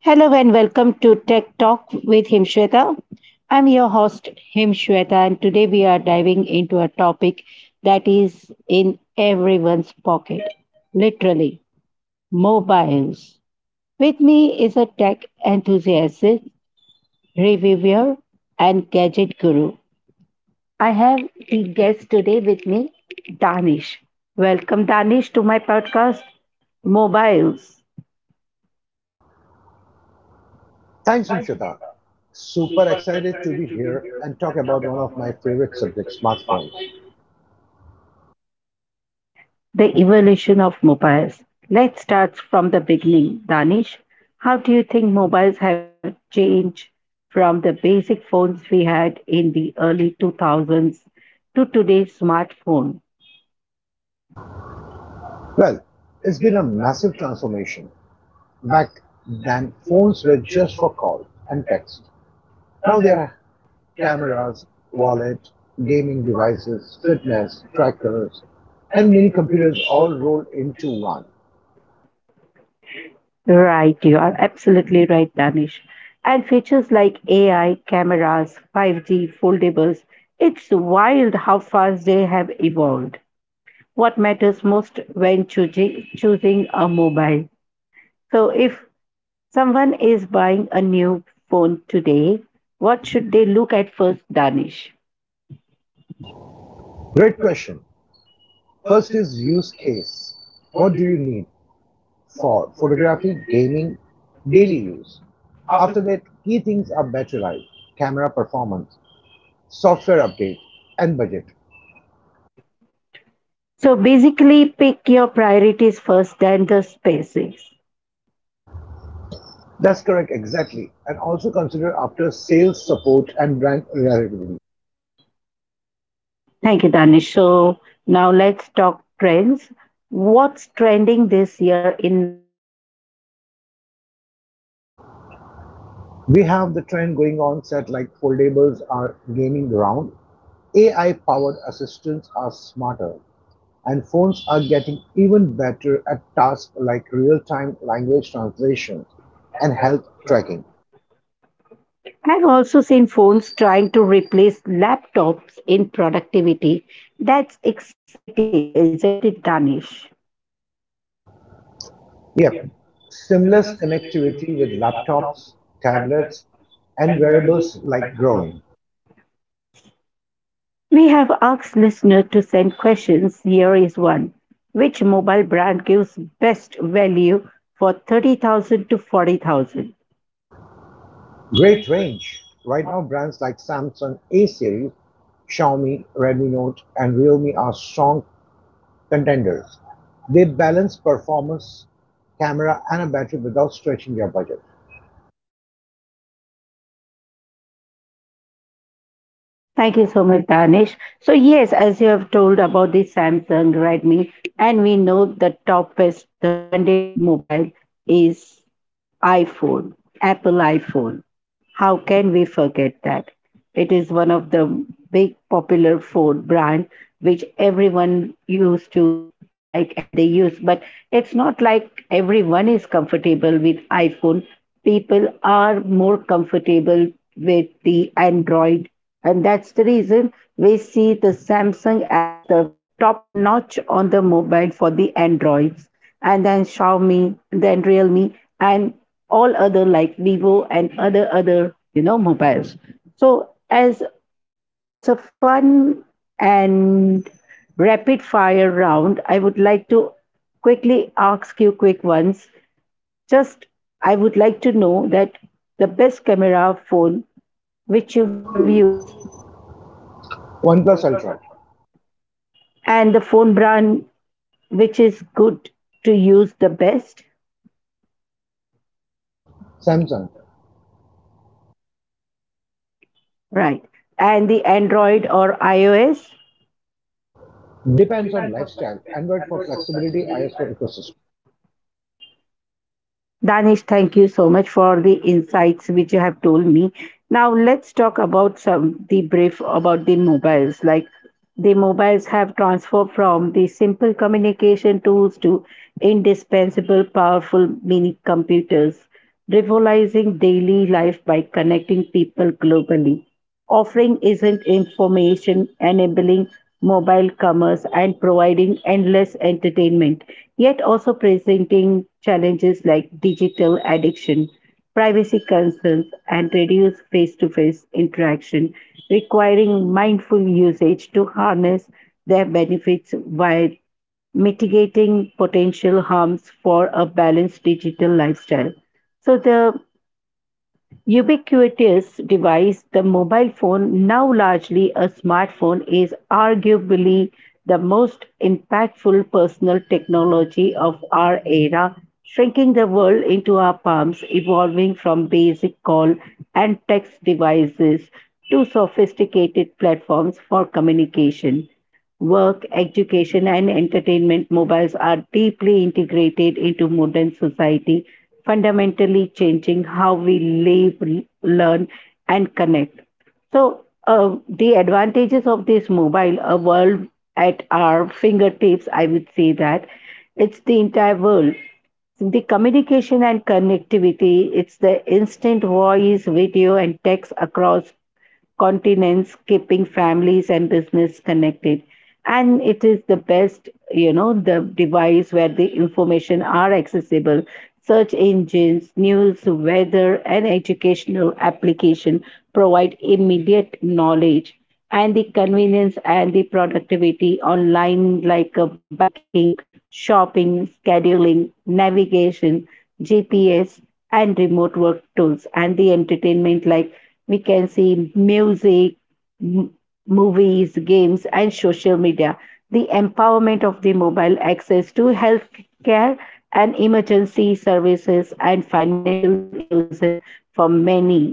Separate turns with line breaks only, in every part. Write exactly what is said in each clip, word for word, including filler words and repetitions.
Hello and welcome to Tech Talk with Himshweta. I'm your host Himshweta, and today we are diving into a topic that is in everyone's pocket, literally, mobiles. With me is a tech enthusiast, reviewer, and gadget guru. I have the guest today with me, Danish. Welcome Danish to my podcast Mobiles.
Thanks, Imshita. Super excited to be here and talk about one of my favorite subjects, smartphones.
The evolution of mobiles. Let's start from the beginning. Danish, how do you think mobiles have changed from the basic phones we had in the early two thousands to today's smartphone?
Well, it's been a massive transformation. Back then, phones were just for call and text. Now there are cameras, wallet, gaming devices, fitness, trackers, and mini computers all rolled into one.
Right, you are absolutely right, Danish. And features like A I, cameras, five G, foldables, it's wild how fast they have evolved. What matters most when choosing, choosing a mobile? So, if someone is buying a new phone today. What should they look at first, Danish?
Great question. First is use case. What do you need? for photography, gaming, daily use. After that, key things are battery life, camera performance, software update, and budget.
So basically, pick your priorities first, then the spaces.
That's correct, exactly. And also consider after sales support and brand reliability.
Thank you, Danish. So now let's talk trends. What's trending this year in mobiles?
We have the trend going on that like foldables are gaining ground, A I powered assistants are smarter, and phones are getting even better at tasks like real time language translation and health tracking.
I've also seen phones trying to replace laptops in productivity. That's exciting, isn't it, Danish?
Yep. Seamless connectivity with laptops, tablets, and wearables like growing.
We have asked listeners to send questions. Here is one. Which mobile brand gives best value for thirty thousand to forty thousand?
Great range. Right now, brands like Samsung A series, Xiaomi, Redmi Note, and Realme are strong contenders. They balance performance, camera, and a battery without stretching your budget.
Thank you so much, Danish. So yes, as you have told about the Samsung, Redmi, and we know the top best, the branded mobile is iPhone, Apple iPhone. How can we forget that? It is one of the big popular phone brand which everyone used to like and they use. But it's not like everyone is comfortable with iPhone. People are more comfortable with the Android, and that's the reason we see the Samsung as the top notch on the mobile for the Androids, and then Xiaomi, then Realme, and all other like Vivo and other other you know mobiles. So as it's a fun and rapid fire round, I would like to quickly ask you quick ones. Just I would like to know that the best camera phone which you have used,
OnePlus Ultra,
and the phone brand which is good to use the best,
Samsung,
right? And the Android or iOS.
depends on lifestyle, Android for flexibility, iOS for ecosystem.
Danish, thank you so much for the insights which you have told me. Now let's talk about some the brief about the mobiles. Like, the mobiles have transformed from the simple communication tools to indispensable, powerful mini computers, revolutionizing daily life by connecting people globally, offering isn't information, enabling mobile commerce and providing endless entertainment, yet also presenting challenges like digital addiction, privacy concerns, and reduced face to face interaction, requiring mindful usage to harness their benefits while mitigating potential harms for a balanced digital lifestyle. So, the ubiquitous device, the mobile phone, now largely a smartphone, is arguably the most impactful personal technology of our era, shrinking the world into our palms, evolving from basic call and text devices to sophisticated platforms for communication. Work, education, and entertainment mobiles are deeply integrated into modern society, fundamentally changing how we live, l- learn, and connect. So, uh, the advantages of this mobile, a world at our fingertips, I would say that it's the entire world, the communication and connectivity, it's the instant voice video and text across continents, keeping families and business connected. And it is the best, you know, the device where the information are accessible. Search engines, news, weather, and educational application provide immediate knowledge, and the convenience and the productivity online like uh, banking, shopping, scheduling, navigation, gps, and remote work tools, and the entertainment like we can see music, m- movies, games, and social media, the empowerment of the mobile, access to healthcare and emergency services, and financial inclusion for many.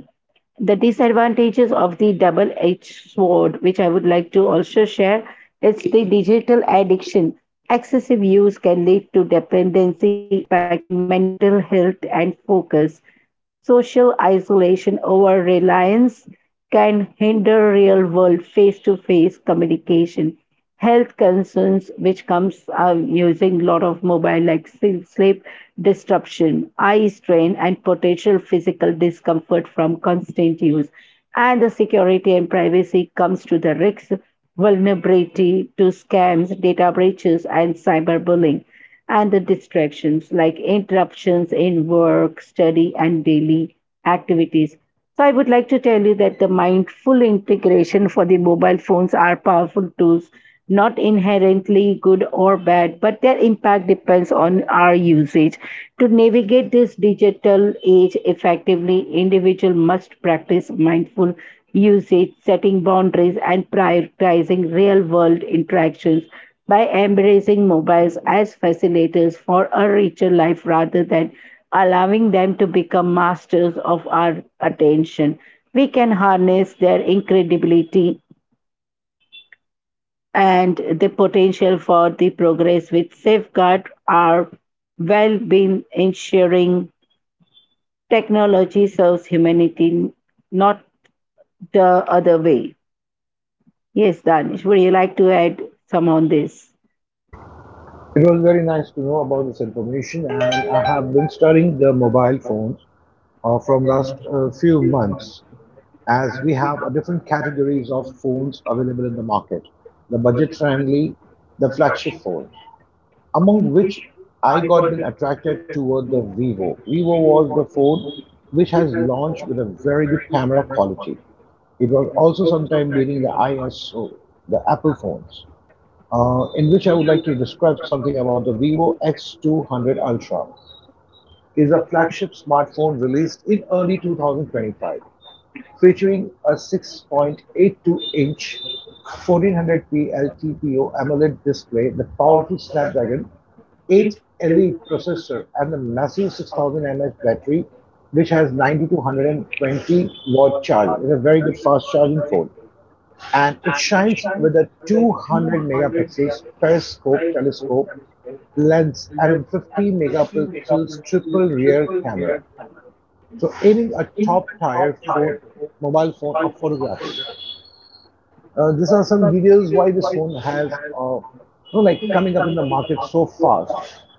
The disadvantages of the double edged sword, which I would like to also share, is the digital addiction. Excessive use can lead to dependency, impacting mental health and focus. Social isolation, over reliance can hinder real world face to face communication. Health concerns, which comes um, using a lot of mobile, like sleep sleep disruption, eye strain, and potential physical discomfort from constant use. And the security and privacy comes to the risk, vulnerability to scams, data breaches, and cyberbullying, and the distractions like interruptions in work, study, and daily activities. So, I would like to tell you that the mindful integration for the mobile phones are powerful tools, not inherently good or bad, but their impact depends on our usage. To navigate this digital age effectively, individual must practice mindful usage, setting boundaries, and prioritizing real world interactions. By embracing mobiles as facilitators for a richer life rather than allowing them to become masters of our attention, we can harness their incredibility and the potential for the progress with safeguard our well-being, ensuring technology serves humanity, not the other way. Yes, Danish, would you like to add some on this?
It was very nice to know about this information, and I have been studying the mobile phones uh, from last uh, few months, as we have uh, different categories of phones available in the market. The budget-friendly, the flagship phones, among which I got been attracted toward the Vivo. Vivo was the phone which has launched with a very good camera quality. It was also sometime beating the ISO, the Apple phones, uh, in which I would like to describe something about the Vivo X two hundred Ultra. It Is a flagship smartphone released in early two thousand twenty-five featuring a six point eight two-inch fourteen hundred p L T P O AMOLED display, the powerful Snapdragon eight Elite processor, and the massive six thousand mAh battery, which has ninety-two hundred twenty to watt charge. It's a very good fast charging phone, and it shines with a two hundred megapixels periscope telescope lens and a fifty megapixels triple rear camera. So aiming a top tier phone, mobile phone of photography. Uh, these are some details why this phone has, uh, you know, like coming up in the market so fast.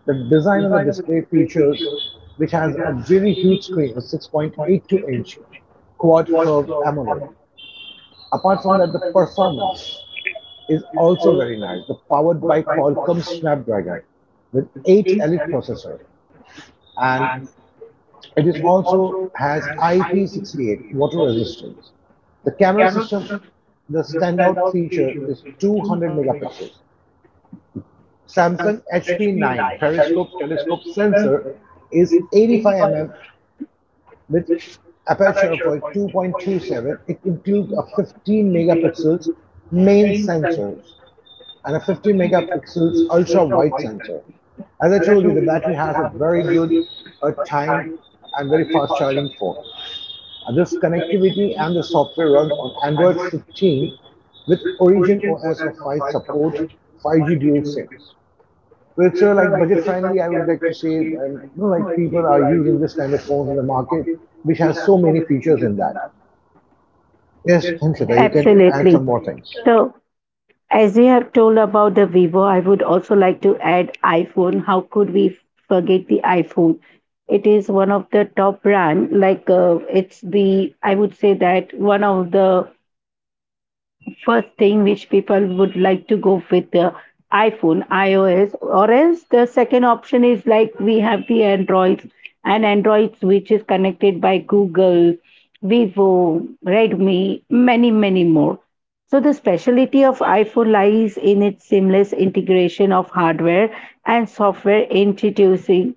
The design and the display features, which has a very huge screen, a six point eight two inch quad curved AMOLED. Apart from that, the performance is also very nice. The powered by Qualcomm Snapdragon with eight Elite processor and It is also has I P six eight water resistance. The camera system, the standout feature is two hundred megapixels. Samsung H P nine periscope telescope sensor is eighty-five millimeters with aperture of two point two seven. It includes a fifteen megapixels main sensors and a fifty megapixels ultra wide sensor. As I told you, the battery has a very good a time and very fast charging for. Uh, This connectivity and the software runs on Android fifteen with Origin O S of five support five G dual SIMs. So it's uh, like budget friendly. I would like to say, um, you know, like people are using this kind of phones in the market, which has so many features in that. Yes, Himshweta, you can add some
Absolutely.
more things.
So, as you have told about the Vivo, I would also like to add iPhone. How could we forget the iPhone? It is one of the top brand. Like uh, it's the, I would say that, one of the first thing which people would like to go with the iPhone, iOS, or else the second option is like we have the Androids, and Androids which is connected by Google, Vivo, Redmi, many, many more. So the speciality of iPhone lies in its seamless integration of hardware and software, introducing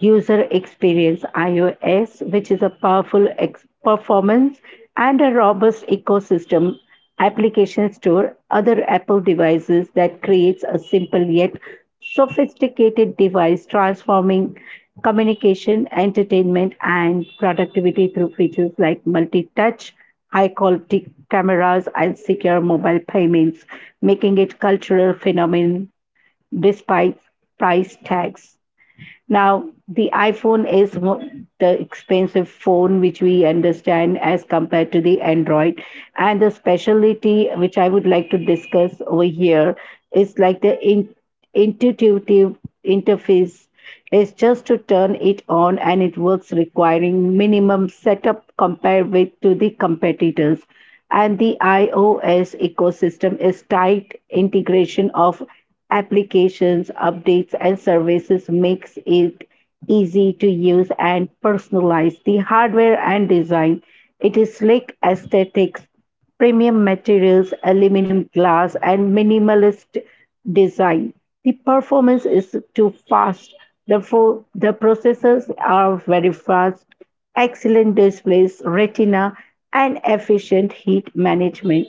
user experience iOS, which is a powerful ex- performance and a robust ecosystem, application store, other Apple devices that creates a simple yet sophisticated device, transforming communication, entertainment, and productivity through features like multi touch, high quality cameras, and secure mobile payments, making it cultural phenomenon despite price tags. Now, the iPhone is mo- the expensive phone which we understand as compared to the Android. And the specialty which I would like to discuss over here is like the in- intuitive interface is just to turn it on and it works, requiring minimum setup compared with to the competitors, and the ios ecosystem is tight integration of applications, updates, and services, makes it easy to use and personalize. The hardware and design, it is slick aesthetics, premium materials, aluminum glass, and minimalist design. The performance is too fast. Therefore, the processors are very fast, excellent displays, retina, and efficient heat management.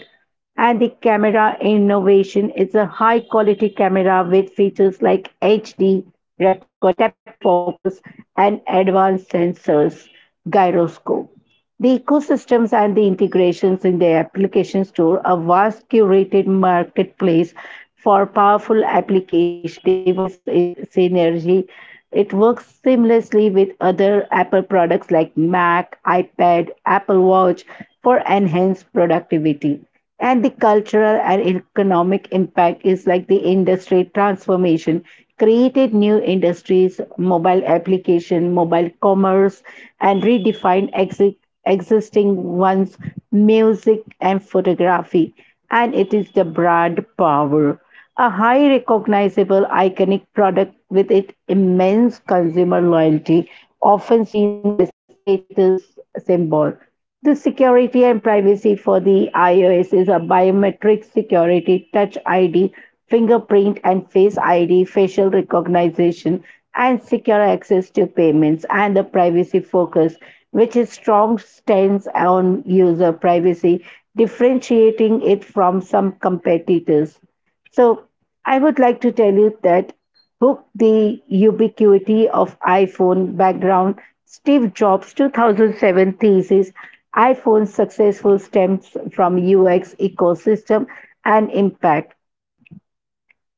And the camera innovation is a high quality camera with features like H D, recording, tap to focus, and advanced sensors, gyroscope. The ecosystems and the integrations in the application store, a vast curated marketplace for powerful application, device i- synergy. It works seamlessly with other Apple products like Mac, iPad, Apple Watch for enhanced productivity. And the cultural and economic impact is like the industry transformation, created new industries, mobile application, mobile commerce, and redefined exi- existing ones, music and photography. And it is the brand power, a high recognizable iconic product with its immense consumer loyalty, often seen as status symbol. The security and privacy for the iOS is a biometric security, touch I D, fingerprint, and face I D, facial recognition, and secure access to payments, and the privacy focus, which is strong stance on user privacy, differentiating it from some competitors. So I would like to tell you that hook the ubiquity of iPhone background. Steve Jobs' two thousand seven thesis, iPhone's successful stems from U X ecosystem and impact.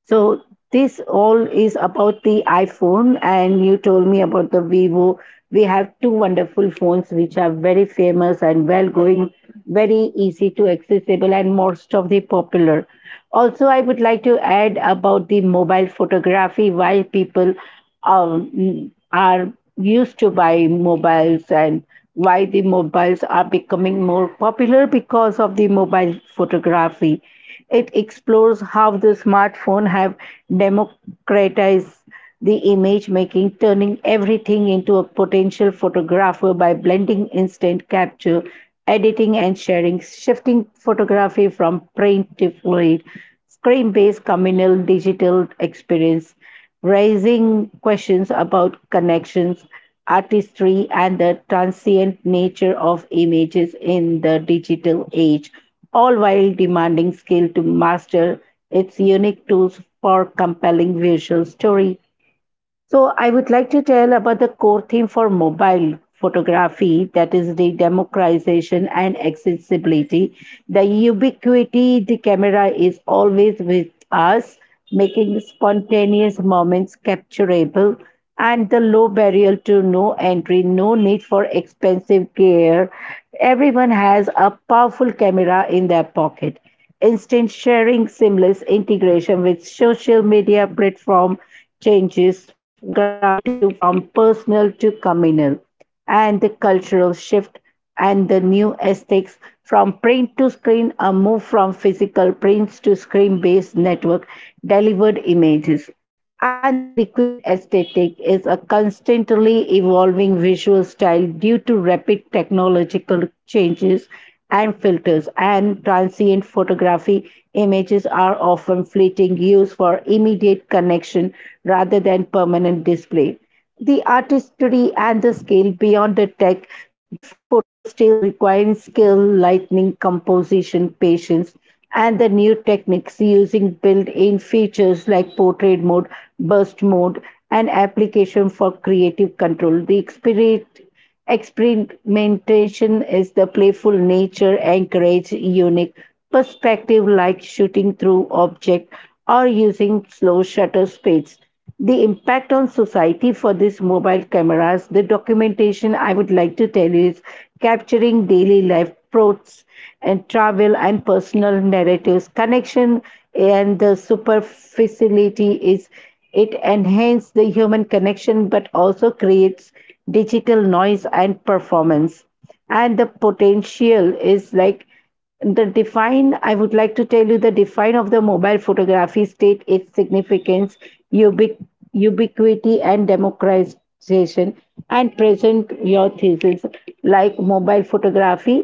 So this all is about the iPhone, and you told me about the Vivo. We have two wonderful phones which are very famous and well going, very easy to accessible and most of the popular. Also, I would like to add about the mobile photography. Why people um, are used to buy mobiles, and why the mobiles are becoming more popular because of the mobile photography. It explores how the smartphone have democratized the image making, turning everything into a potential photographer by blending instant capture, editing, and sharing, shifting photography from print to fluid, screen-based communal digital experience, raising questions about connections, artistry, and the transient nature of images in the digital age, all while demanding skill to master its unique tools for compelling visual storytelling. So I would like to tell about the core theme for mobile photography, that is the democratization and accessibility. The ubiquity, the camera is always with us, making spontaneous moments capturable, and the low barrier to no entry, no need for expensive gear. Everyone has a powerful camera in their pocket. Instant sharing, seamless integration with social media platform changes photography to from personal to communal, and the cultural shift and the new aesthetics, from print to screen, a move from physical prints to screen based network delivered images, and the liquid aesthetic is a constantly evolving visual style due to rapid technological changes and filters, and transient photography images are often fleeting, used for immediate connection rather than permanent display. The artistry and the scale beyond the tech, great photos still require skill, lighting, composition, patience, and the new techniques using built in features like portrait mode, burst mode, and application for creative control. The experience experimentation is the playful nature encourage unique perspective like shooting through objects or using slow shutter speeds. The impact on society for these mobile cameras, the documentation I would like to tell you is capturing daily life prots and travel and personal narratives. Connection and the superficiality is it enhances the human connection but also creates digital noise and performance and the potential is like the define I would like to tell you the define of the mobile photography state its significance ubiqu- ubiquity and democratization and present your thesis like mobile photography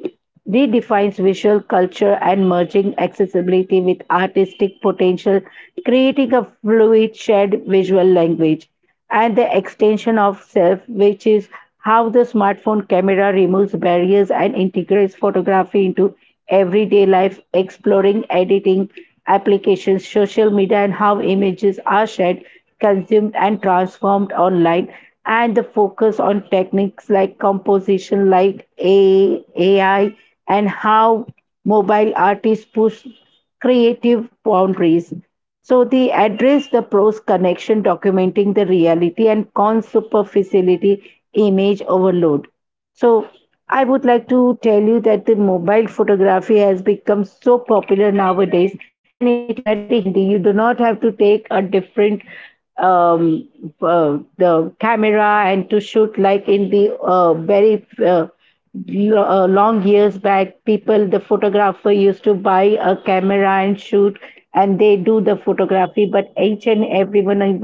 redefines visual culture and merging accessibility with artistic potential creating a fluid shared visual language and the extension of self, which is how the smartphone camera removes barriers and integrates photography into everyday life, exploring editing applications, social media, and how images are shared, consumed, and transformed online. And the focus on techniques like composition, like A- AI, and how mobile artists push creative boundaries. So the address the pros connection documenting the reality and cons superficiality image overload. So I would like to tell you that the mobile photography has become so popular nowadays and it is very handy. You do not have to take a different um, uh, the camera and to shoot like in the uh, very uh, lo- uh, long years back people the photographer used to buy a camera and shoot and they do the photography, but each and everyone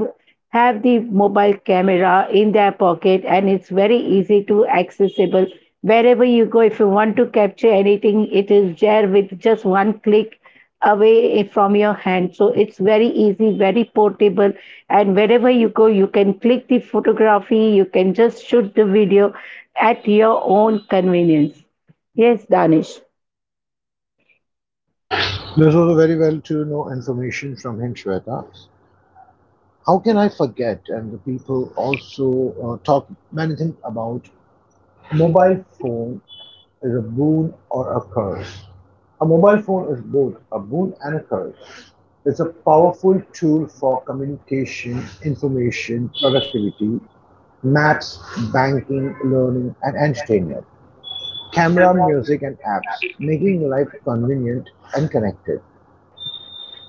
have the mobile camera in their pocket and it's very easy to accessible. Wherever you go, if you want to capture anything, it is there with just one click away from your hand, so it's very easy, very portable, and wherever you go you can click the photography, you can just shoot the video at your own convenience. Yes, Danish.
This was a very well to know information from Himshweta. How can I forget? And the people also uh, talk many things about Mobile phone is a boon or a curse? A mobile phone is both a boon and a curse. It's a powerful tool for communication, information, productivity, maps, banking, learning, and entertainment, camera, music, and apps, making life convenient and connected.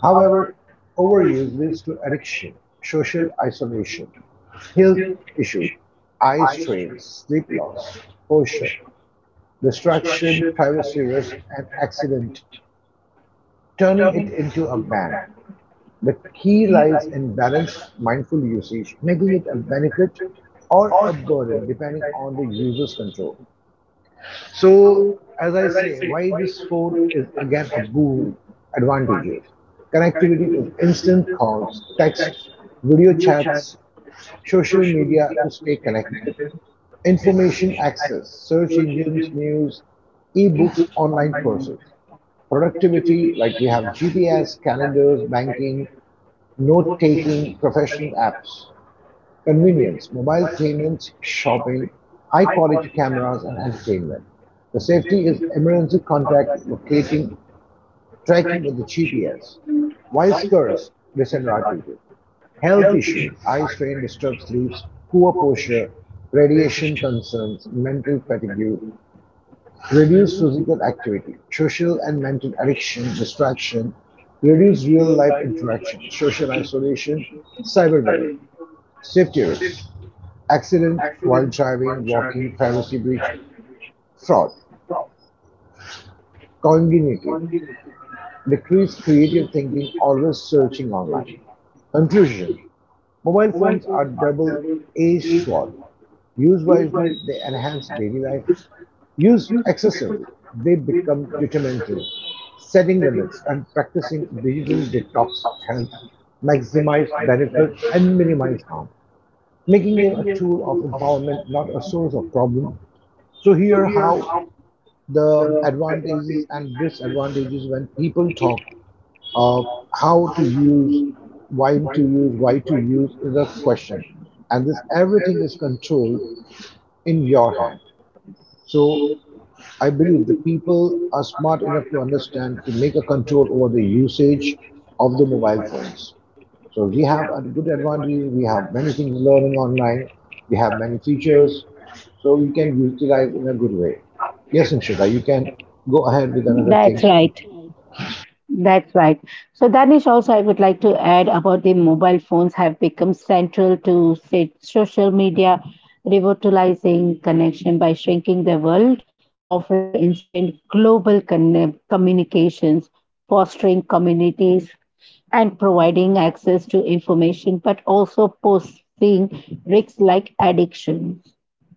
However, overuse leads to addiction, social isolation, health issues, eye strain, sleep loss, posture, Distraction, privacy risk, and accident, turning it into a ban. The key lies in balanced, mindful usage, making it a benefit or a burden depending on the user's control. So, as I say, why this phone is again a boon advantages. Connectivity is instant calls, text, video chats, social media to stay connected, information access, search engines, news, ebooks, online courses. Productivity, like we have G P S, calendars, banking, note taking, professional apps. Convenience, mobile payments, shopping, high-quality cameras and entertainment. The safety is emergency contact locating, tracking with the G P S. Why scarce? Disadvantages. Health issues, eye strain, disturbed sleeps, poor posture, radiation concerns, mental fatigue, reduced physical activity, social and mental addiction, distraction, reduced real life interaction, social isolation, cyberbullying. Safety risks accident while driving, walking, privacy breach, fraud, cognitive, decreased creative thinking, always searching online. Conclusion. Mobile phones are double edged sword. Used wisely, they enhance daily life. Used excessively, they become detrimental. Setting limits and practicing digital detox helps maximize benefits and minimize harm, making them a tool of empowerment, not a source of problem. So here are how the advantages and disadvantages when people talk of how to use, when to use, why to use is a question. And this everything is controlled in your hand. So I believe the people are smart enough to understand to make a control over the usage of the mobile phones. So we have a good advantages. We have many things learning online. We have many features. So we can utilize in a good way. Yes, Inshita, you can go ahead with another
That's
things.
right. That's right. So, Danish, also, I would like to add about the mobile phones have become central to say, social media, revitalizing connection by shrinking the world, offering instant global conne- communications, fostering communities, and providing access to information, but also posing risks like addiction,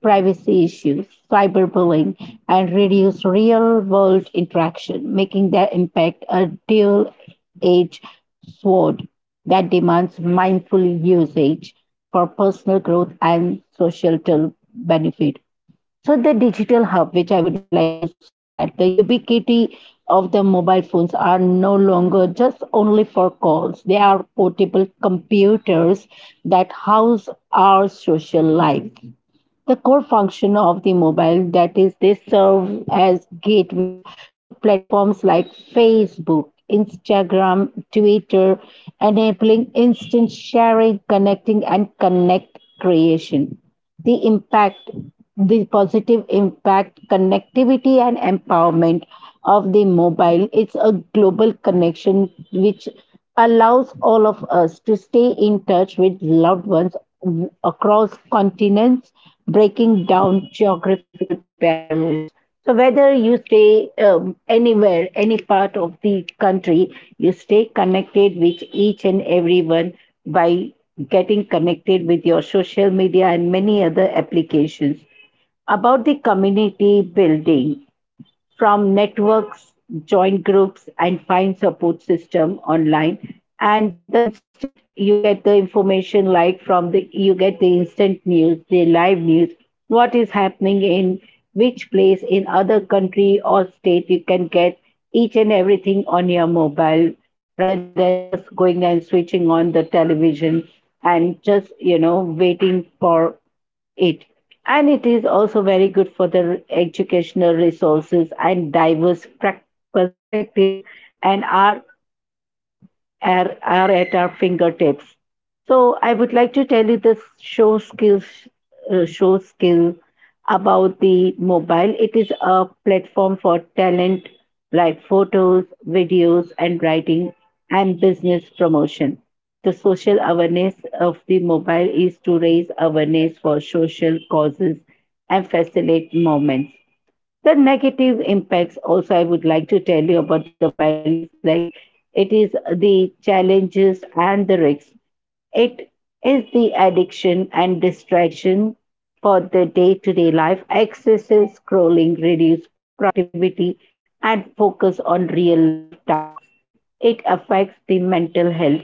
privacy issues, cyberbullying, and reduce real world interaction, making their impact a dual edged sword that demands mindful usage for personal growth and societal benefit. So, the digital hub, which I would like to say that the ubiquity of the mobile phones are no longer just only for calls, they are portable computers that house our social life, the core function of the mobile, that is they serve as gateways to platforms like Facebook, Instagram, Twitter, enabling instant sharing, connecting and connect creation. The impact, the positive impact, connectivity and empowerment of the mobile, it's a global connection which allows all of us to stay in touch with loved ones w- across continents, breaking down geographical barriers. So, whether you stay um, anywhere, any part of the country, you stay connected with each and everyone by getting connected with your social media and many other applications. About the community building, from networks, join groups, and find support system online. And the instant you get the information, like from the you get the instant news, the live news, what is happening in which place, in other country or state, you can get each and everything on your mobile rather than just going and switching on the television and just you know waiting for it. And it is also very good for the educational resources and addiction and distraction for the day to day life, excessive scrolling reduces productivity and focus on real life tasks.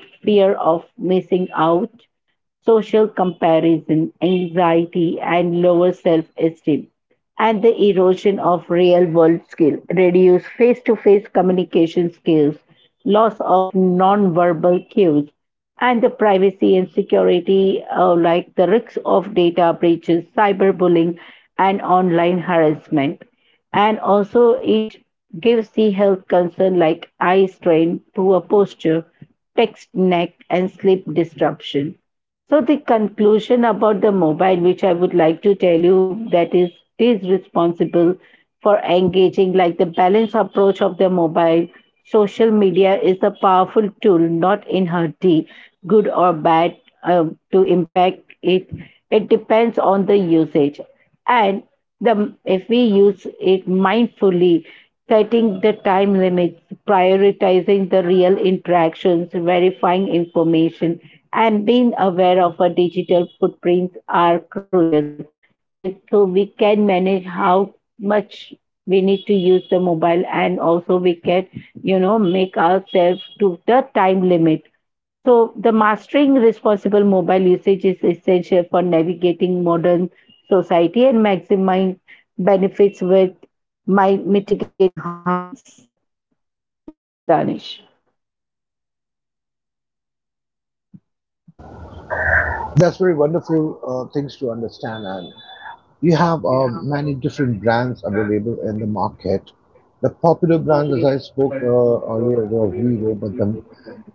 It affects the mental health, fear of missing out, social comparison, anxiety, and lower self esteem, and the erosion of real world skill, reduced face to face communication skills, loss of non-verbal cues, and the privacy and security, uh, like the risks of data breaches, cyberbullying, and online harassment. And also, it gives the health concern like eye strain, poor posture, text neck, and sleep disruption. So the conclusion about the mobile, which I would like to tell you, that is, it is responsible for engaging, like the balanced approach of the mobile. Social media is a powerful tool, not inherently good or bad. uh, to impact it, it depends on the usage, and the if we use it mindfully, setting the time limits, prioritizing the real interactions, verifying information, and being aware of our digital footprints are crucial. It, so we can manage how much we need to use the mobile, and also we can, you know, make ourselves to the time limit. So, the mastering responsible mobile usage is essential for navigating modern society and maximizing benefits with my mitigating harms, Danish.
That's very wonderful uh, things to understand. And you have uh, many different brands available in the market. The popular brands, as I spoke uh, earlier, was Vivo, but the,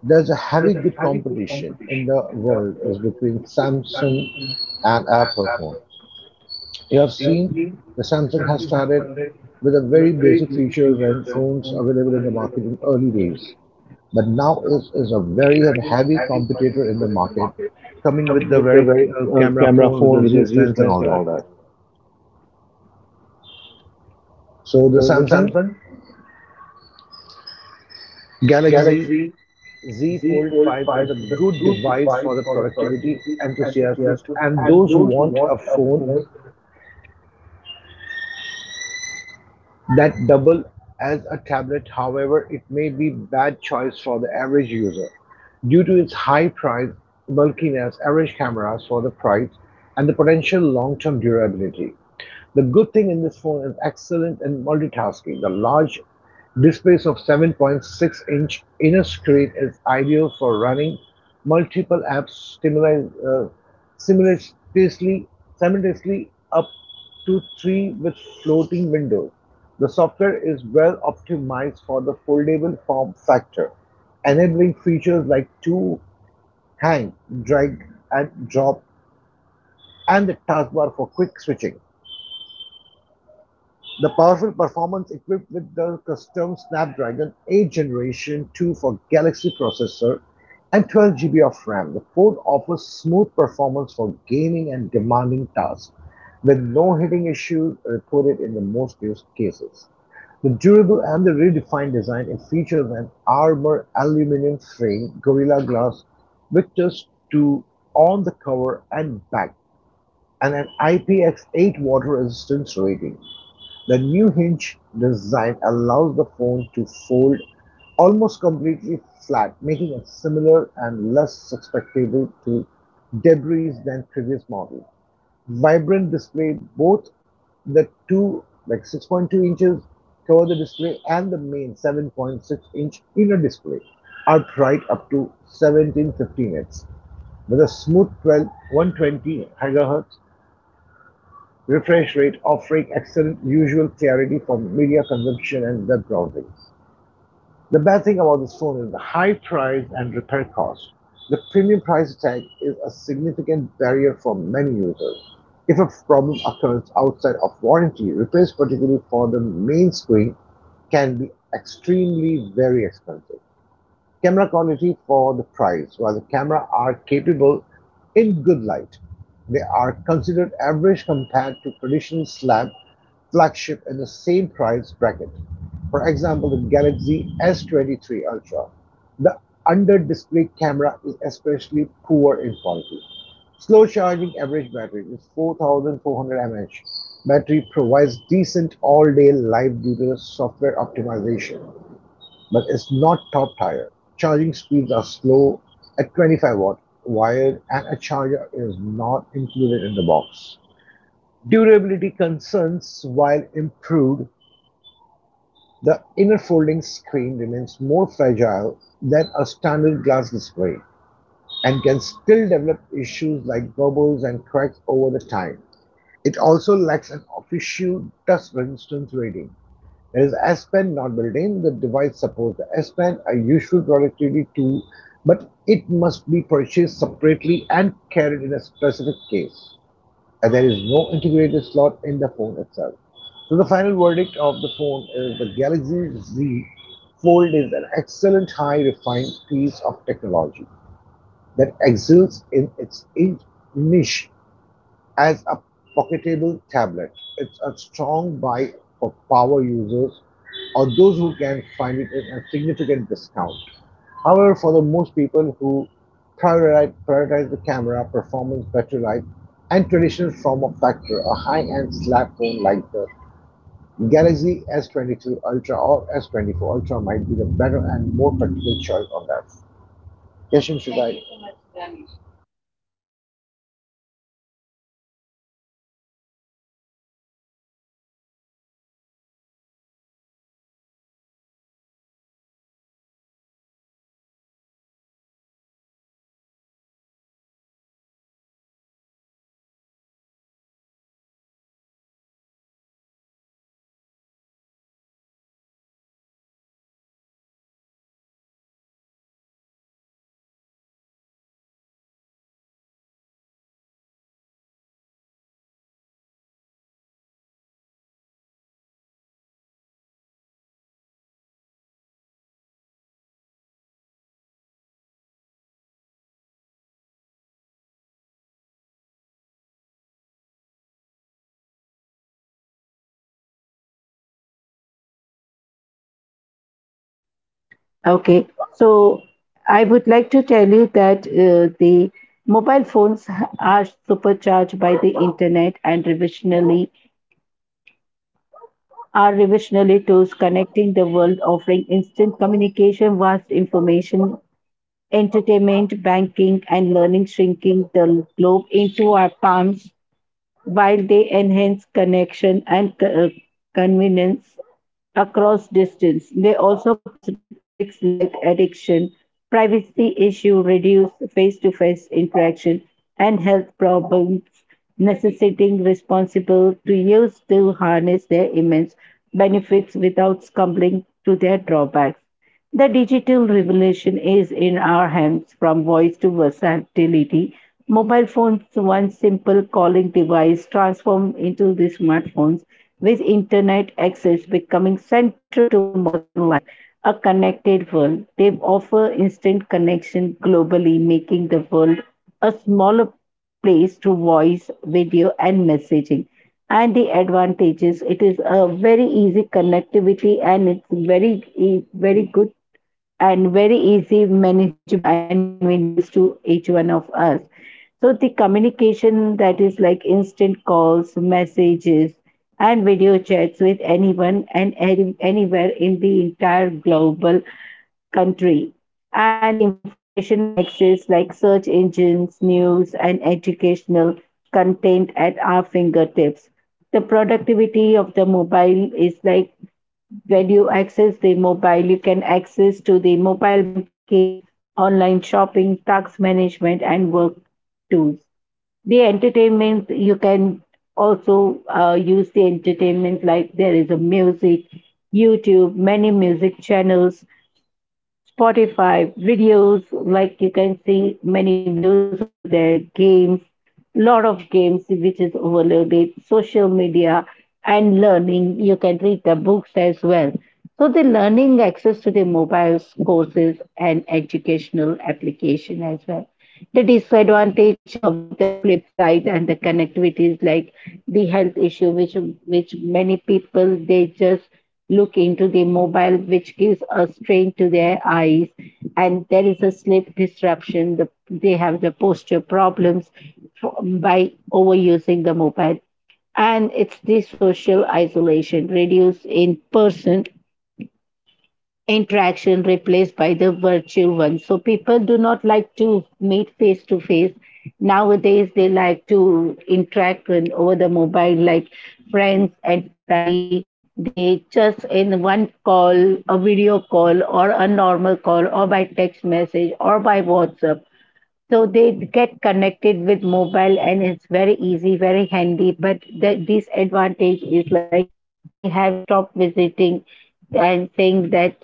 there's a heavy good competition in the world is between Samsung and Apple phone. You have seen the Samsung has started with the very basic features and phones available in the market in early days. But now is, is a very heavy competitor in the market coming with the very uh, camera
Coming with the
phone with the
very
Zeus
uh,
lens and all
camera
that.
phone with the Zeus lens and all that.
So the Samsung Galaxy Z Fold five is a good device for the productivity enthusiasts and those who want a phone that double as a tablet. However, it may be bad choice for the average user due to its high price, bulkiness, average cameras for the price, and the potential long-term durability. The good thing in this phone is excellent in multitasking. The large display of seven point six inch inner screen is ideal for running multiple apps uh, simultaneously, simultaneously up to three with floating windows. The software is well optimized for the foldable form factor, enabling features like two hang, drag, and drop, and the taskbar for quick switching. The powerful performance equipped with the custom Snapdragon eight Generation two for Galaxy processor and twelve G B of RAM, the phone offers smooth performance for gaming and demanding tasks with no hitting issues reported in the most used cases. The durable and the redefined design, it features an armor aluminum frame, Gorilla Glass Victus two on the cover and back, and an I P X eight water resistance rating. The new hinge design allows the phone to fold almost completely flat, making it similar and less susceptible to debris than previous models. Vibrant display, both the two like six point two inches cover the display and the main seven point six inch inner display are bright up to seventeen fifty nits with a smooth 12 120 MHz refresh rate, offering excellent usual clarity for media consumption and web browsing. The bad thing about this phone is the high price and repair cost. The premium price tag is a significant barrier for many users. If a problem occurs outside of warranty, repairs, particularly for the main screen, can be extremely very expensive camera quality for the price. While the camera are capable in good light, they are considered average compared to traditional slab flagship in the same price bracket. For example, the Galaxy S twenty-three Ultra. The under display camera is especially poor in quality. Slow charging average battery is four thousand four hundred mAh. Battery provides decent all day life due to the software optimization but it's not top tier. Charging speeds are slow at twenty-five watt wired and a charger is not included in the box. Durability concerns while improved, the inner folding screen remains more fragile than a standard glass display and can still develop issues like bubbles and cracks over the time. It also lacks an official dust resistance rating. There is S-Pen not built in. The device supports the S-Pen, a useful productivity tool, but it must be purchased separately and carried in a specific case, as there is no integrated slot in the phone itself. So the final verdict of the phone is the Galaxy Z Fold is an excellent, high refined piece of technology that excels in its niche as a pocketable tablet. It's a strong buy for power users or those who can find it at a significant discount. However, for the most people who prioritize, prioritize the camera, performance, battery life, and traditional form of factor, a high-end slab phone like the Galaxy S twenty-two Ultra or S twenty-four Ultra might be the better and more practical choice on that. Yashim, should I?
Okay, so I would like to tell you that uh, the mobile phones are supercharged by the internet and revisionally are revisionally tools connecting the world, offering instant communication, vast information, entertainment, banking, and learning, shrinking the globe into our palms while they enhance connection and co- uh, convenience across distance. They also pose risks like addiction, privacy issue, reduced face-to-face interaction, and health problems, necessitating responsible to use to harness their immense benefits without succumbing to their drawbacks. The digital revolution is in our hands, from voice to versatility. Mobile phones, one simple calling device, transformed into the smartphones with internet access becoming central to modern life. A connected world. They offer instant connection globally, making the world a smaller plays to voice, video, and messaging. And the advantages, it is a very easy connectivity and it's very, e- very good and very easy, manageable, and convenience to each one of us. So the communication, that is like instant calls, messages, and video chats with anyone and any, anywhere in the entire global country, and the information access like search engines, news, and educational content at our fingertips. The productivity of the mobile is like when you access the mobile, you can access to the mobile banking, online shopping, tax management, and work tools. The entertainment, you can also uh, use the entertainment, like there is a music, YouTube, many music channels, Spotify videos, like you can see many videos over there, games, lot of games which is overloaded, social media and learning. You can read the books as well. So the learning access to the mobile courses and educational application as well. The disadvantages of the flip side and the connectivities, like the health issue which which many people, they just look into the mobile, which gives a strain to their eyes, and there is a sleep disruption. The, they have the posture problems from, by overusing the mobile. And it's the social isolation, reduced in person interaction replaced by the virtual one. So people do not like to meet face to face. Nowadays, they like to interact with, over the mobile, like friends and family. They just in one call, a video call, or a normal call, or by text message, or by WhatsApp. So they get connected with mobile and it's very easy, very handy. But the disadvantage is like they have stopped visiting and saying that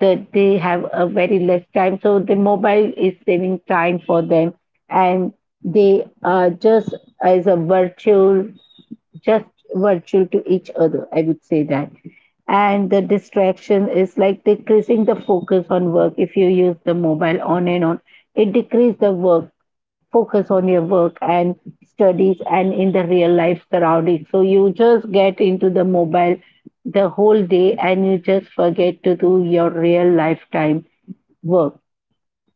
the, they have a very less time. So the mobile is saving time for them, and they are just as a virtual, just virtual to each other, I would say that. And the distraction is like decreasing the focus on work. If you use the mobile on and on, it decreases the work focus on your work and studies and in the real life surroundings. So you just get into the mobile the whole day and you just forget to do your real lifetime work.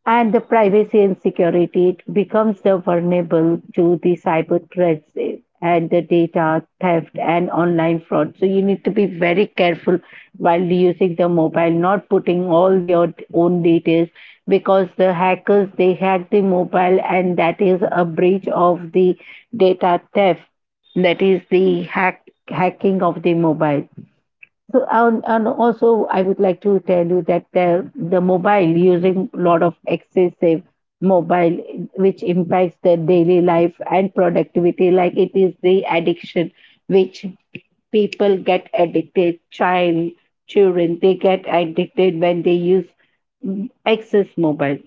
And the privacy and security, it becomes the vulnerable to the cyber threats, eh, and the data theft and online fraud. So you need to be very careful while using the mobile, not putting all your own details, because the hackers, they hack the mobile and that is a breach of the data theft. That is the hack hacking of the mobile. So and, and also, I would like to tell you that the, the mobile using a lot of excessive mobile which impacts their daily life and productivity, like it is the addiction which people get addicted, child children, they get addicted when they use mm, excess mobile.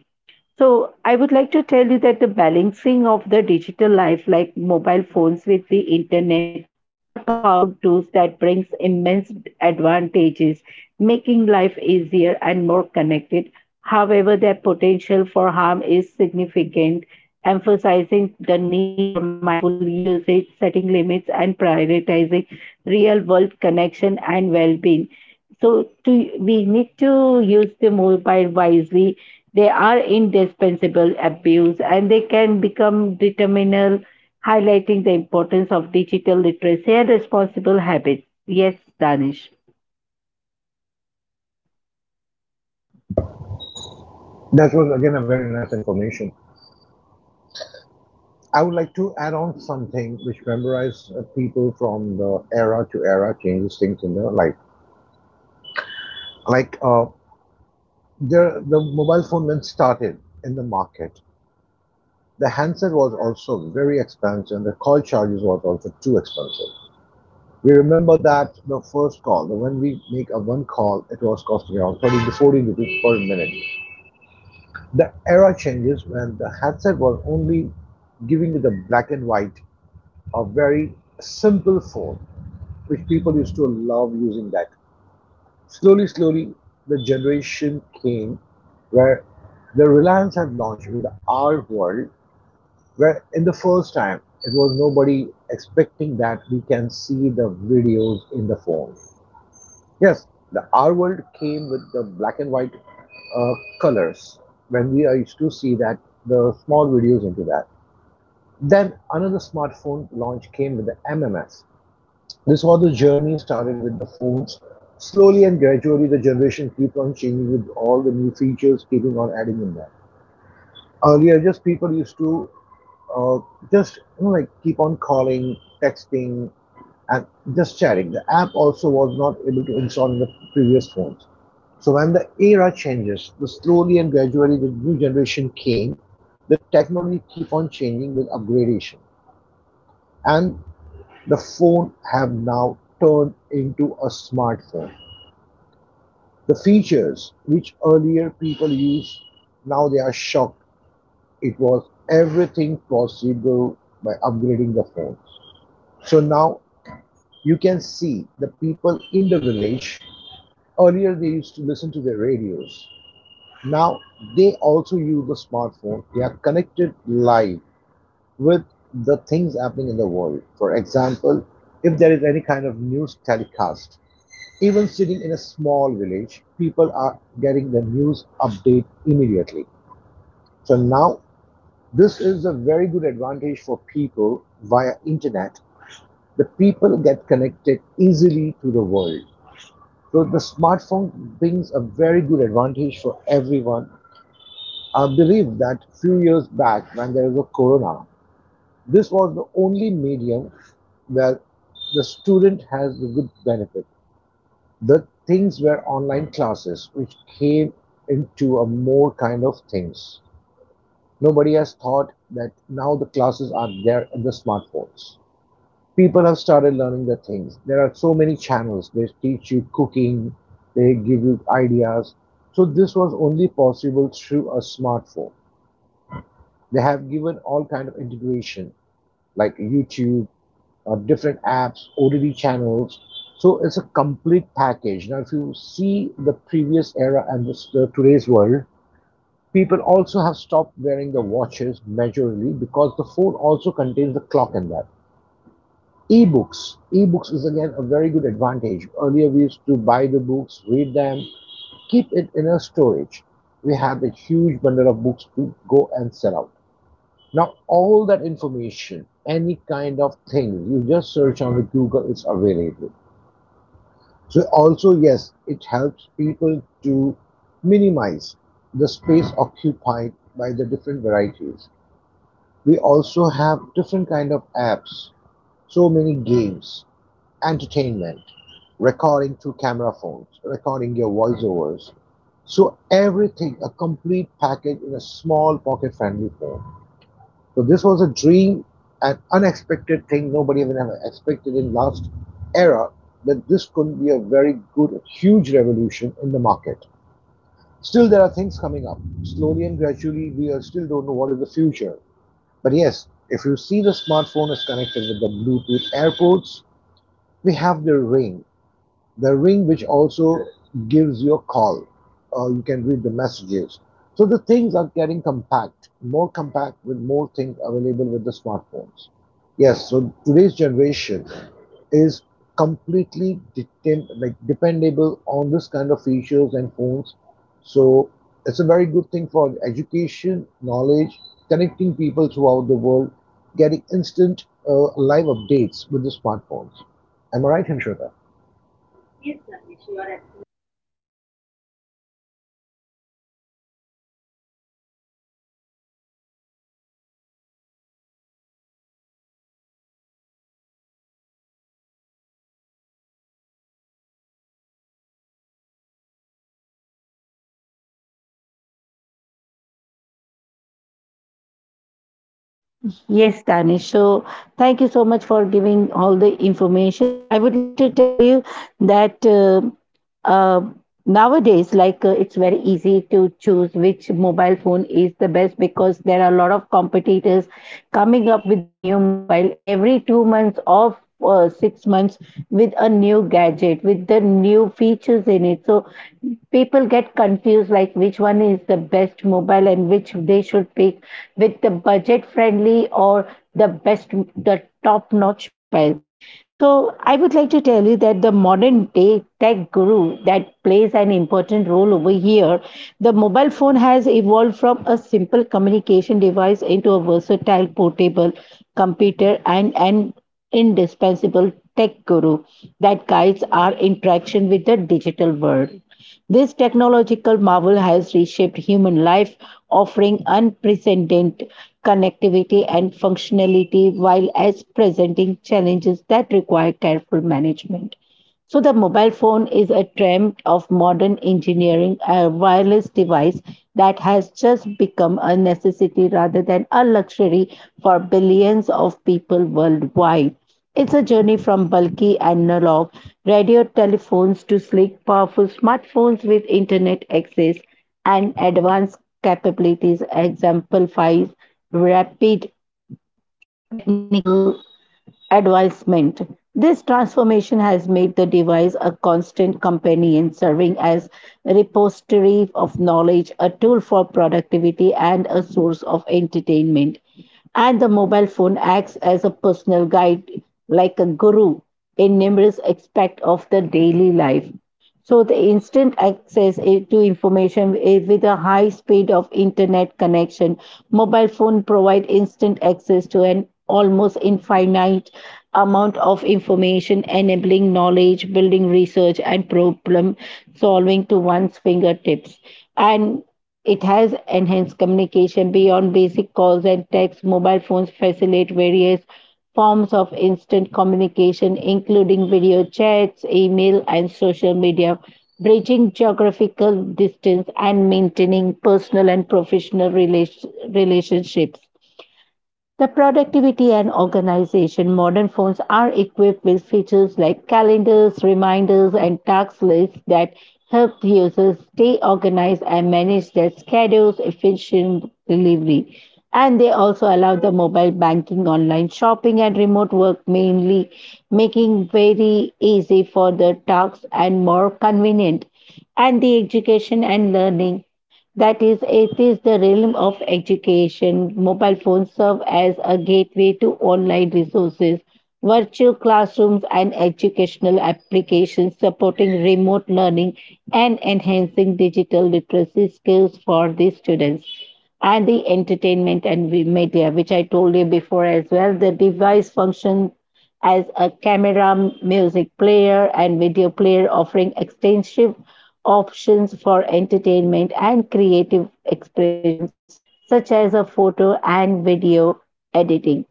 So I would like to tell you that the balancing of the digital life, like mobile phones with the internet, are powerful tools that brings immense advantages, making life easier and more connected. However, their potential for harm is significant, emphasizing the need for mindful usage, setting limits, and prioritizing real-world connection and well-being. So to we need to use the mobile wisely. They are indispensable abuse and they can become determinal, highlighting the importance of digital literacy and responsible habits. Yes, Danish.
That was again a very nice information. I would like to add on something which memorize uh, people from the era to era changes things in their life. Like uh, the the mobile phone when started in the market, the handset was also very expensive, and the call charges was also too expensive. We remember that the first call, the when we make a one call, it was costing around thirty to forty rupees per minute. The era changes when the handset was only giving you the black and white, a very simple phone which people used to love using that. Slowly, slowly, the generation came where the Reliance had launched with the art world, where in the first time it was nobody expecting that we can see the videos in the phone. Yes, the art world came with the black and white uh, colors when we used to see that the small videos into that. Then another smartphone launch came with the M M S. This was a journey started with the phones. Slowly and gradually, the generation keep on changing with all the new features, keeping on adding in that. Earlier, just people used to uh, just you know, like keep on calling, texting, and just chatting. The app also was not able to install in the previous phones. So when the era changes, the slowly and gradually the new generation came, the technology keep on changing with upgradation. And the phone have now turned into a smartphone. The features which earlier people used, now they are shocked. It was everything possible by upgrading the phones. So now you can see the people in the village. Earlier they used to listen to their radios. Now they also use the smartphone. They are connected live with the things happening in the world. For example, if there is any kind of news telecast, even sitting in a small village, people are getting the news update immediately. So now this is a very good advantage for people via internet. The people get connected easily to the world. So the smartphone brings a very good advantage for everyone. I believe that few years back when there was a corona, this was the only medium where the student has the good benefit. The things were online classes, which came into a more kind of things. Nobody has thought that now the classes are there in the smartphones. People have started learning the things. There are so many channels. They teach you cooking, they give you ideas. So this was only possible through a smartphone. They have given all kind of integration like YouTube, uh, different apps, O T T channels. So it's a complete package. Now, if you see the previous era and this, the today's world, people also have stopped wearing the watches majorly because the phone also contains the clock in that. Ebooks. Ebooks is again a very good advantage. Earlier, we used to buy the books, read them, keep it in a storage. We have a huge bundle of books to go and sell out. Now, all that information, any kind of thing, you just search on Google, it's available. So, also, yes, it helps people to minimize the space occupied by the different varieties. We also have different kind of apps, so many games, entertainment, recording through camera phones, recording your voiceovers. So everything, a complete package in a small pocket friendly phone. So this was a dream, an unexpected thing. Nobody even ever expected in last era that this could be a very good, huge revolution in the market. Still, there are things coming up slowly and gradually. We are still don't know what is the future. But yes, if you see the smartphone is connected with the Bluetooth AirPods, we have the ring the ring which also gives you a call or you can read the messages, so the things are getting compact more compact with more things available with the smartphones. Yes, so today's generation is completely deten- like dependable on this kind of features and phones. So it's a very good thing for education, knowledge, connecting people throughout the world, getting instant uh, live updates with the smartphones. Am I right, Hinshota?
Yes, Danish. So, thank you so much for giving all the information. So, I would like to tell you that uh, uh, nowadays, like uh, it's very easy to choose which mobile phone is the best because there are a lot of competitors coming up with the new mobile every two months or uh, six months with a new gadget with the new features in it. So people get confused like which one is the best mobile and which they should pick with the budget friendly or the best, the top notch mobile. So I would like to tell you that the modern day tech guru that plays an important role over here, the mobile phone has evolved from a simple communication device into a versatile portable computer and an indispensable tech guru that guides our interaction with the digital world. This technological marvel has reshaped human life, offering unprecedented connectivity and functionality while as presenting challenges that require careful management. So the mobile phone is a trend of modern engineering, a wireless device that has just become a necessity rather than a luxury for billions of people worldwide. It's a journey from bulky analog radio telephones to sleek, powerful smartphones with internet access and advanced capabilities exemplifies rapid technical advancement. This transformation has made the device a constant companion, serving as a repository of knowledge, a tool for productivity, and a source of entertainment. And the mobile phone acts as a personal guide, like a guru, in numerous aspects of the daily life. So the instant access i- to information i- with a high speed of internet connection, mobile phone provide instant access to an almost infinite amount of information, enabling knowledge, building research, and problem solving to one's fingertips. And it has enhanced communication beyond basic calls and texts. Mobile phones facilitate various forms of instant communication, including video chats, email, and social media, bridging geographical distance and maintaining personal and professional relas- relationships. The productivity and organization modern phones are equipped with features like calendars, reminders, and task lists that help users stay organized and manage their schedules efficiently. And they also allow the mobile banking, online shopping, and remote work mainly, making very easy for the tasks and more convenient. And the education and learning, that is, it is the realm of education. Mobile phones serve as a gateway to online resources, virtual classrooms, and educational applications supporting remote learning and enhancing digital literacy skills for the students. And the entertainment and media, which I told you before as well, the device function as a camera, music player, and video player, offering extensive options for entertainment and creative expressions, such as a photo and video editing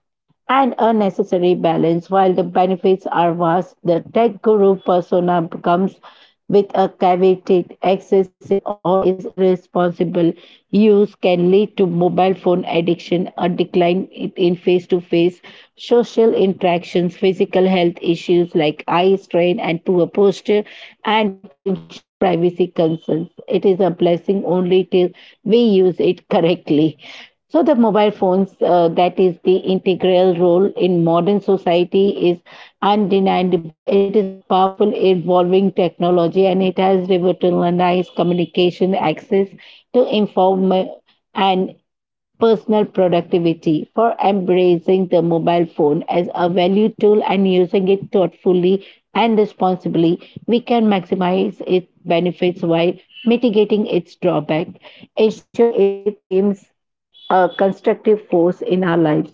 and unnecessary balance. While the benefits are vast, the tech guru persona comes with a caveated, excessive, or is irresponsible use can lead to mobile phone addiction, a decline in- in face to face social interactions, physical health issues like eye strain and poor posture, and potential privacy concerns. It is a blessing only till we use it correctly. So the mobile phones, uh, that is the integral role in modern society, is undeniable. It is a powerful, evolving technology, and it has revolutionized communication, access to inform and personal productivity, for embracing the mobile phone as a value tool and using it thoughtfully and responsibly, we can maximize its benefits while mitigating its drawback, ensuring it remains a constructive force in our lives.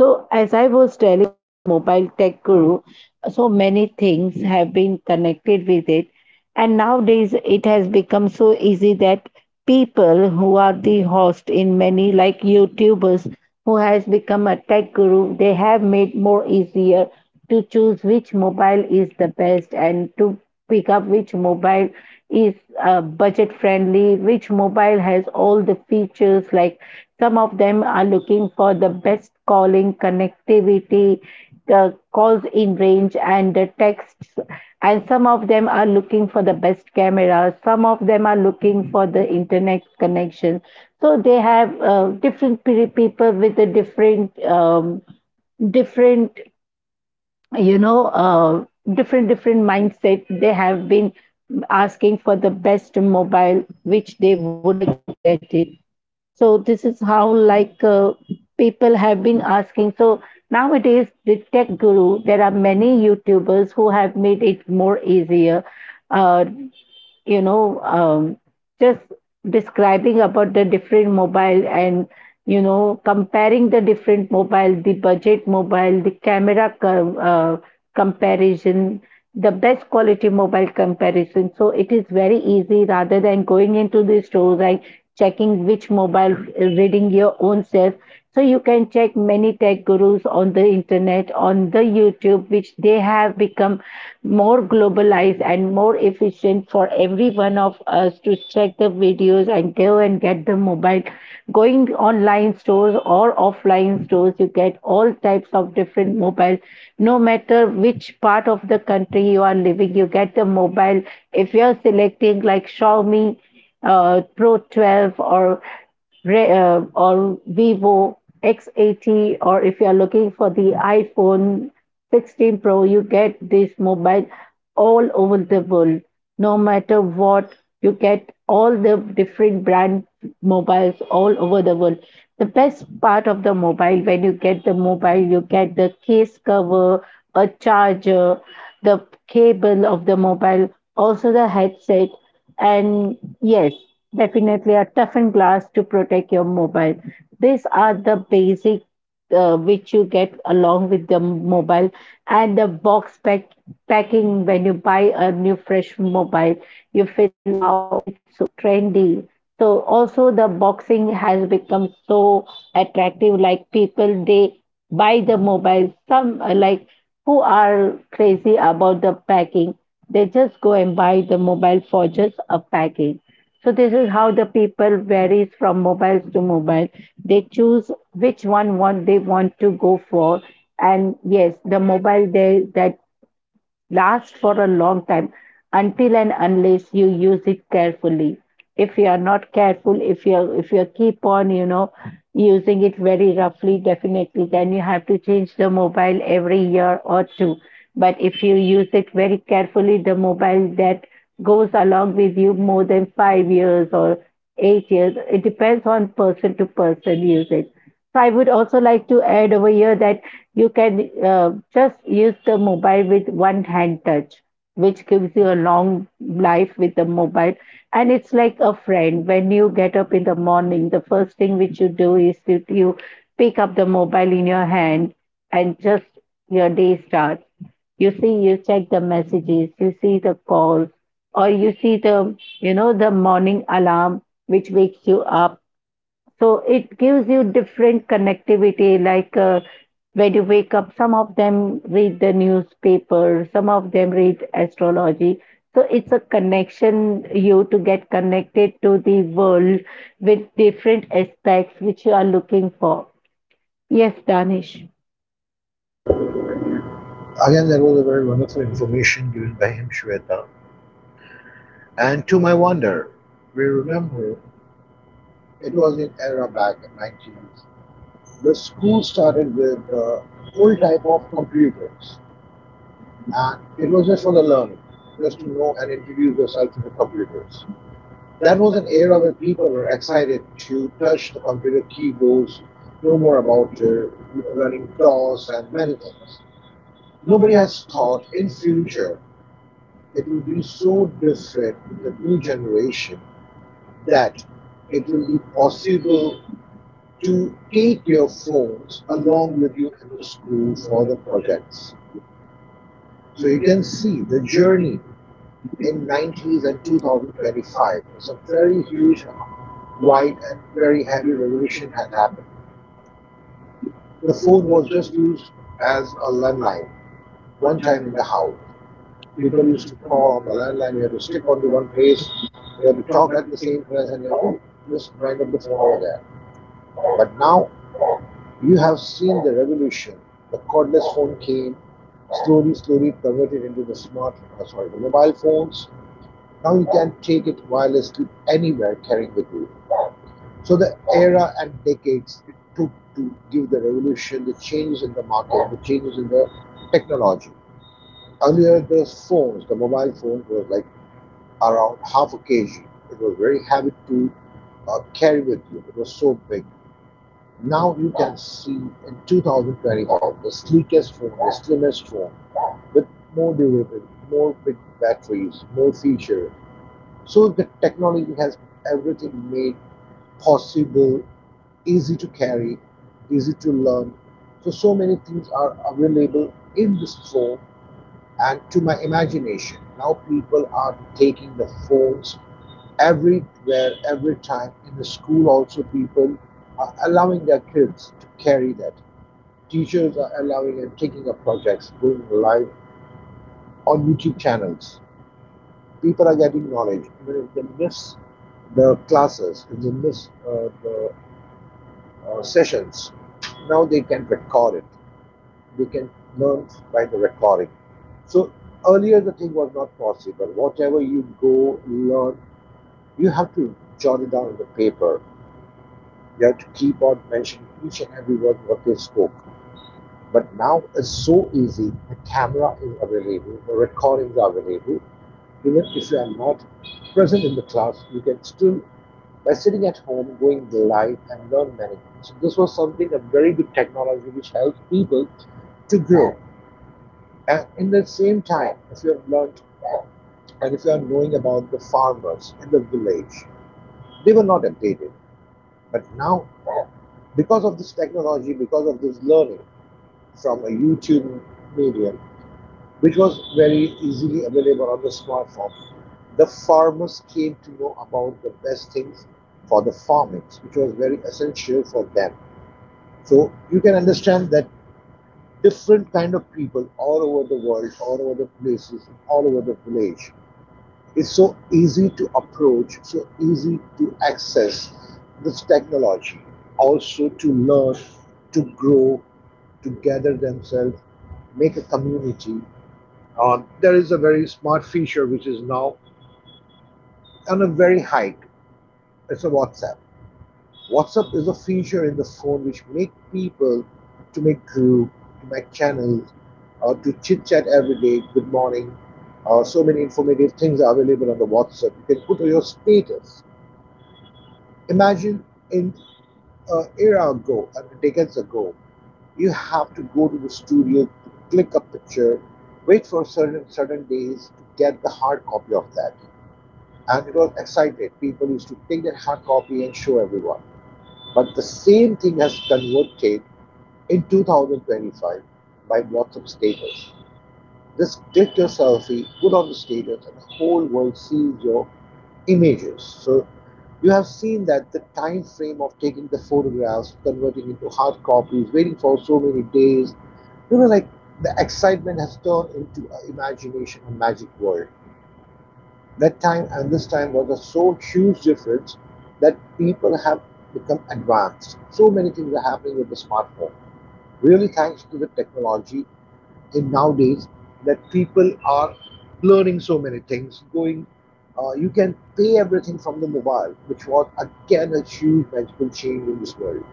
So, as I was telling mobile tech guru, so many things have been connected with it, and nowadays it has become so easy that people who are the host in many like youtubers who has become a tech guru they have made more easier to choose which mobile is the best and to pick up which mobile is uh, budget friendly, which mobile has all the features like some of them are looking for the best calling connectivity, uh, calls in range and the texts and of them are looking for the best camera, some of them are looking for the internet connection. So they have uh, different pe- people with the different um, different you know uh, different different mindset, they have been asking for the best mobile which they would like to get it. So this is how like uh, people have been asking. So nowadays, the tech guru, there are many YouTubers who have made it more easier. Uh, you know, um, just describing about the different mobile and, you know, comparing the different mobile, the budget mobile, the camera co- uh, comparison, the best quality mobile comparison. So it is very easy rather than going into the store, like checking which mobile, uh, reading your own self. So you can check many tech gurus on the internet, on the YouTube, which they have become more globalized and more efficient for every one of us to check the videos and go and get the mobile going online stores or offline stores. You get all types of different mobile. No matter which part of the country you are living, you get the mobile. If you're selecting like Xiaomi uh, Pro twelve, or re- uh, or Vivo X eighty, or if you are looking for the iPhone sixteen Pro, you get this mobile all over the world. No matter what, you get all the different brand mobiles all over the world. The best part of the mobile, when you get the mobile, you get the case cover, a charger, the cable of the mobile, also the headset. And yes, definitely a toughened glass to protect your mobile. These are the basic uh, which you get along with the mobile and the box pack packing when you buy a new fresh mobile. You feel wow, it's so trendy. So also the boxing has become so attractive. Like people they buy the mobile. Some uh, Like who are crazy about the packing, they just go and buy the mobile for just a package. So this is how the people varies from mobiles to mobile. They choose which one want they want to go for. And yes, the mobile they that lasts for a long time until and unless you use it carefully. If you are not careful, if you are, if you keep on, you know, using it very roughly, definitely, then you have to change the mobile every year or two. But if you use it very carefully, the mobile that goes along with you more than five years or eight years, it depends on person to person usage. So I would also like to add over here that you can uh, just use the mobile with one hand touch, which gives you a long life with the mobile. And it's like a friend. When you get up in the morning, the first thing which you do is you, you pick up the mobile in your hand and just your day starts. You see, you check the messages, you see the calls, or you see the, you know, the morning alarm which wakes you up. So it gives you different connectivity, like uh, when you wake up, some of them read the newspaper, some of them read astrology. So it's a connection you to get connected to the world with different aspects which you are looking for. Yes, Danish.
Again, that was a very wonderful information given by him, Shweta. And to my wonder, we remember it was an era back in nineties. The school started with the whole type of computers, and it was just for the learning, just to know and introduce yourself to the computers. That was an era where people were excited to touch the computer keyboards, know more about uh, learning DOS and many things. Nobody has thought in future it will be so different with the new generation that it will be possible to take your phones along with you in the school for the projects. So you can see the journey in nineties and two thousand twenty-five. It's a very huge, wide and very heavy revolution has happened. The phone was just used as a landline one time in the house. People used to call on the landline. You had to stick onto one place. You had to talk at the same place, and you had to just wind up the phone over there. But now you have seen the revolution. The cordless phone came, slowly, slowly converted into the smart, uh, sorry, the mobile phones. Now you can take it wirelessly anywhere, carrying with you. So the era and decades it took to give the revolution, the changes in the market, the changes in the technology. Earlier, the phones, the mobile phones, were like around half a kg. It was very heavy to uh, carry with you. It was so big. Now you can see in two thousand twenty-five the sleekest phone, the slimmest phone, with more durability, more big batteries, more features. So the technology has everything made possible, easy to carry, easy to learn. So so many things are available in this phone and to my imagination. Now people are taking the phones everywhere, every time. In the school also people are allowing their kids to carry that. Teachers are allowing and taking up projects, going live on YouTube channels, people are getting knowledge. Even if they miss the classes, if they miss uh, the uh, sessions, now they can record it. They can learn by the recording. So earlier the thing was not possible. Whatever you go learn, you have to jot it down on the paper. You have to keep on mentioning each and every word what they spoke. But now it's so easy. The camera is available, the recordings are available. Even if you are not present in the class, you can still, by sitting at home, going live and learn many things. So this was something, a very good technology which helps people to grow. And in the same time, if you have learned and if you are knowing about the farmers in the village, they were not updated. But now, because of this technology, because of this learning, from a YouTube medium, which was very easily available on the smartphone, the farmers came to know about the best things for the farming, which was very essential for them. So you can understand that different kind of people all over the world, all over the places, all over the village, it's so easy to approach, so easy to access this technology, also to learn, to grow, to gather themselves, make a community. Uh, there is a very smart feature which is now on a very hike. It's a WhatsApp. WhatsApp is a feature in the phone which make people to make group, to make channels, uh, to chit chat every day. Good morning. Uh, so many informative things are available on the WhatsApp. You can put your status. Imagine in an era ago, I mean decades ago, you have to go to the studio, to click a picture, wait for certain certain days to get the hard copy of that. And it was excited. People used to take that hard copy and show everyone. But the same thing has converted in two thousand twenty-five by WhatsApp status. Just click your selfie, put on the status, and the whole world sees your images. So you have seen that the time frame of taking the photographs, converting into hard copies, waiting for so many days, you know, like the excitement has turned into an imagination, a magic world, that time and this time was a so huge difference that people have become advanced. So many things are happening with the smartphone. Really, thanks to the technology in nowadays that people are learning so many things. Going, uh, you can pay everything from the mobile, which was again a huge magical change in this world.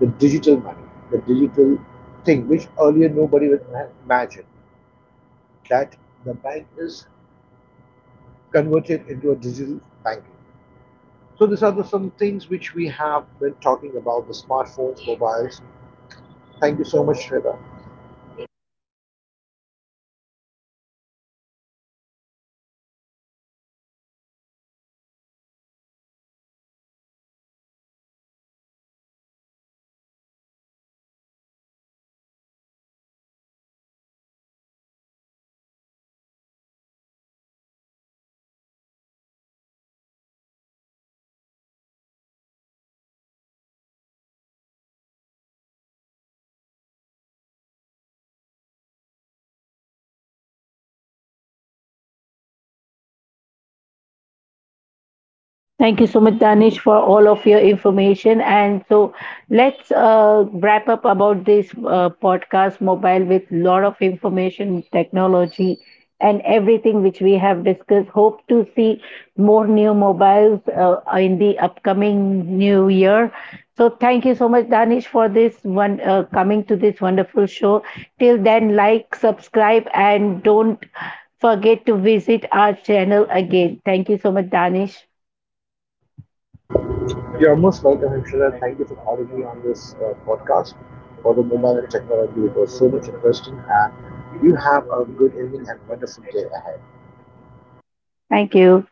The digital money, the digital thing, which earlier nobody would imagine that the bank is converted into a digital banking. So these are the some things which we have been talking about the smartphones, mobiles. Thank you so much, Shweta.
Thank you so much, Danish, for all of your information. And so let's uh, wrap up about this uh, podcast mobile with lot of information, technology, and everything which we have discussed. Hope to see more new mobiles uh, in the upcoming new year. So thank you so much, Danish, for this one uh, coming to this wonderful show. Till then, like, subscribe, and don't forget to visit our channel again. Thank you so much, Danish.
You're most welcome, Shweta. Thank you for calling me on this uh, podcast for the mobile and technology. It was so much interesting, and you have a good evening and wonderful day ahead.
Thank you.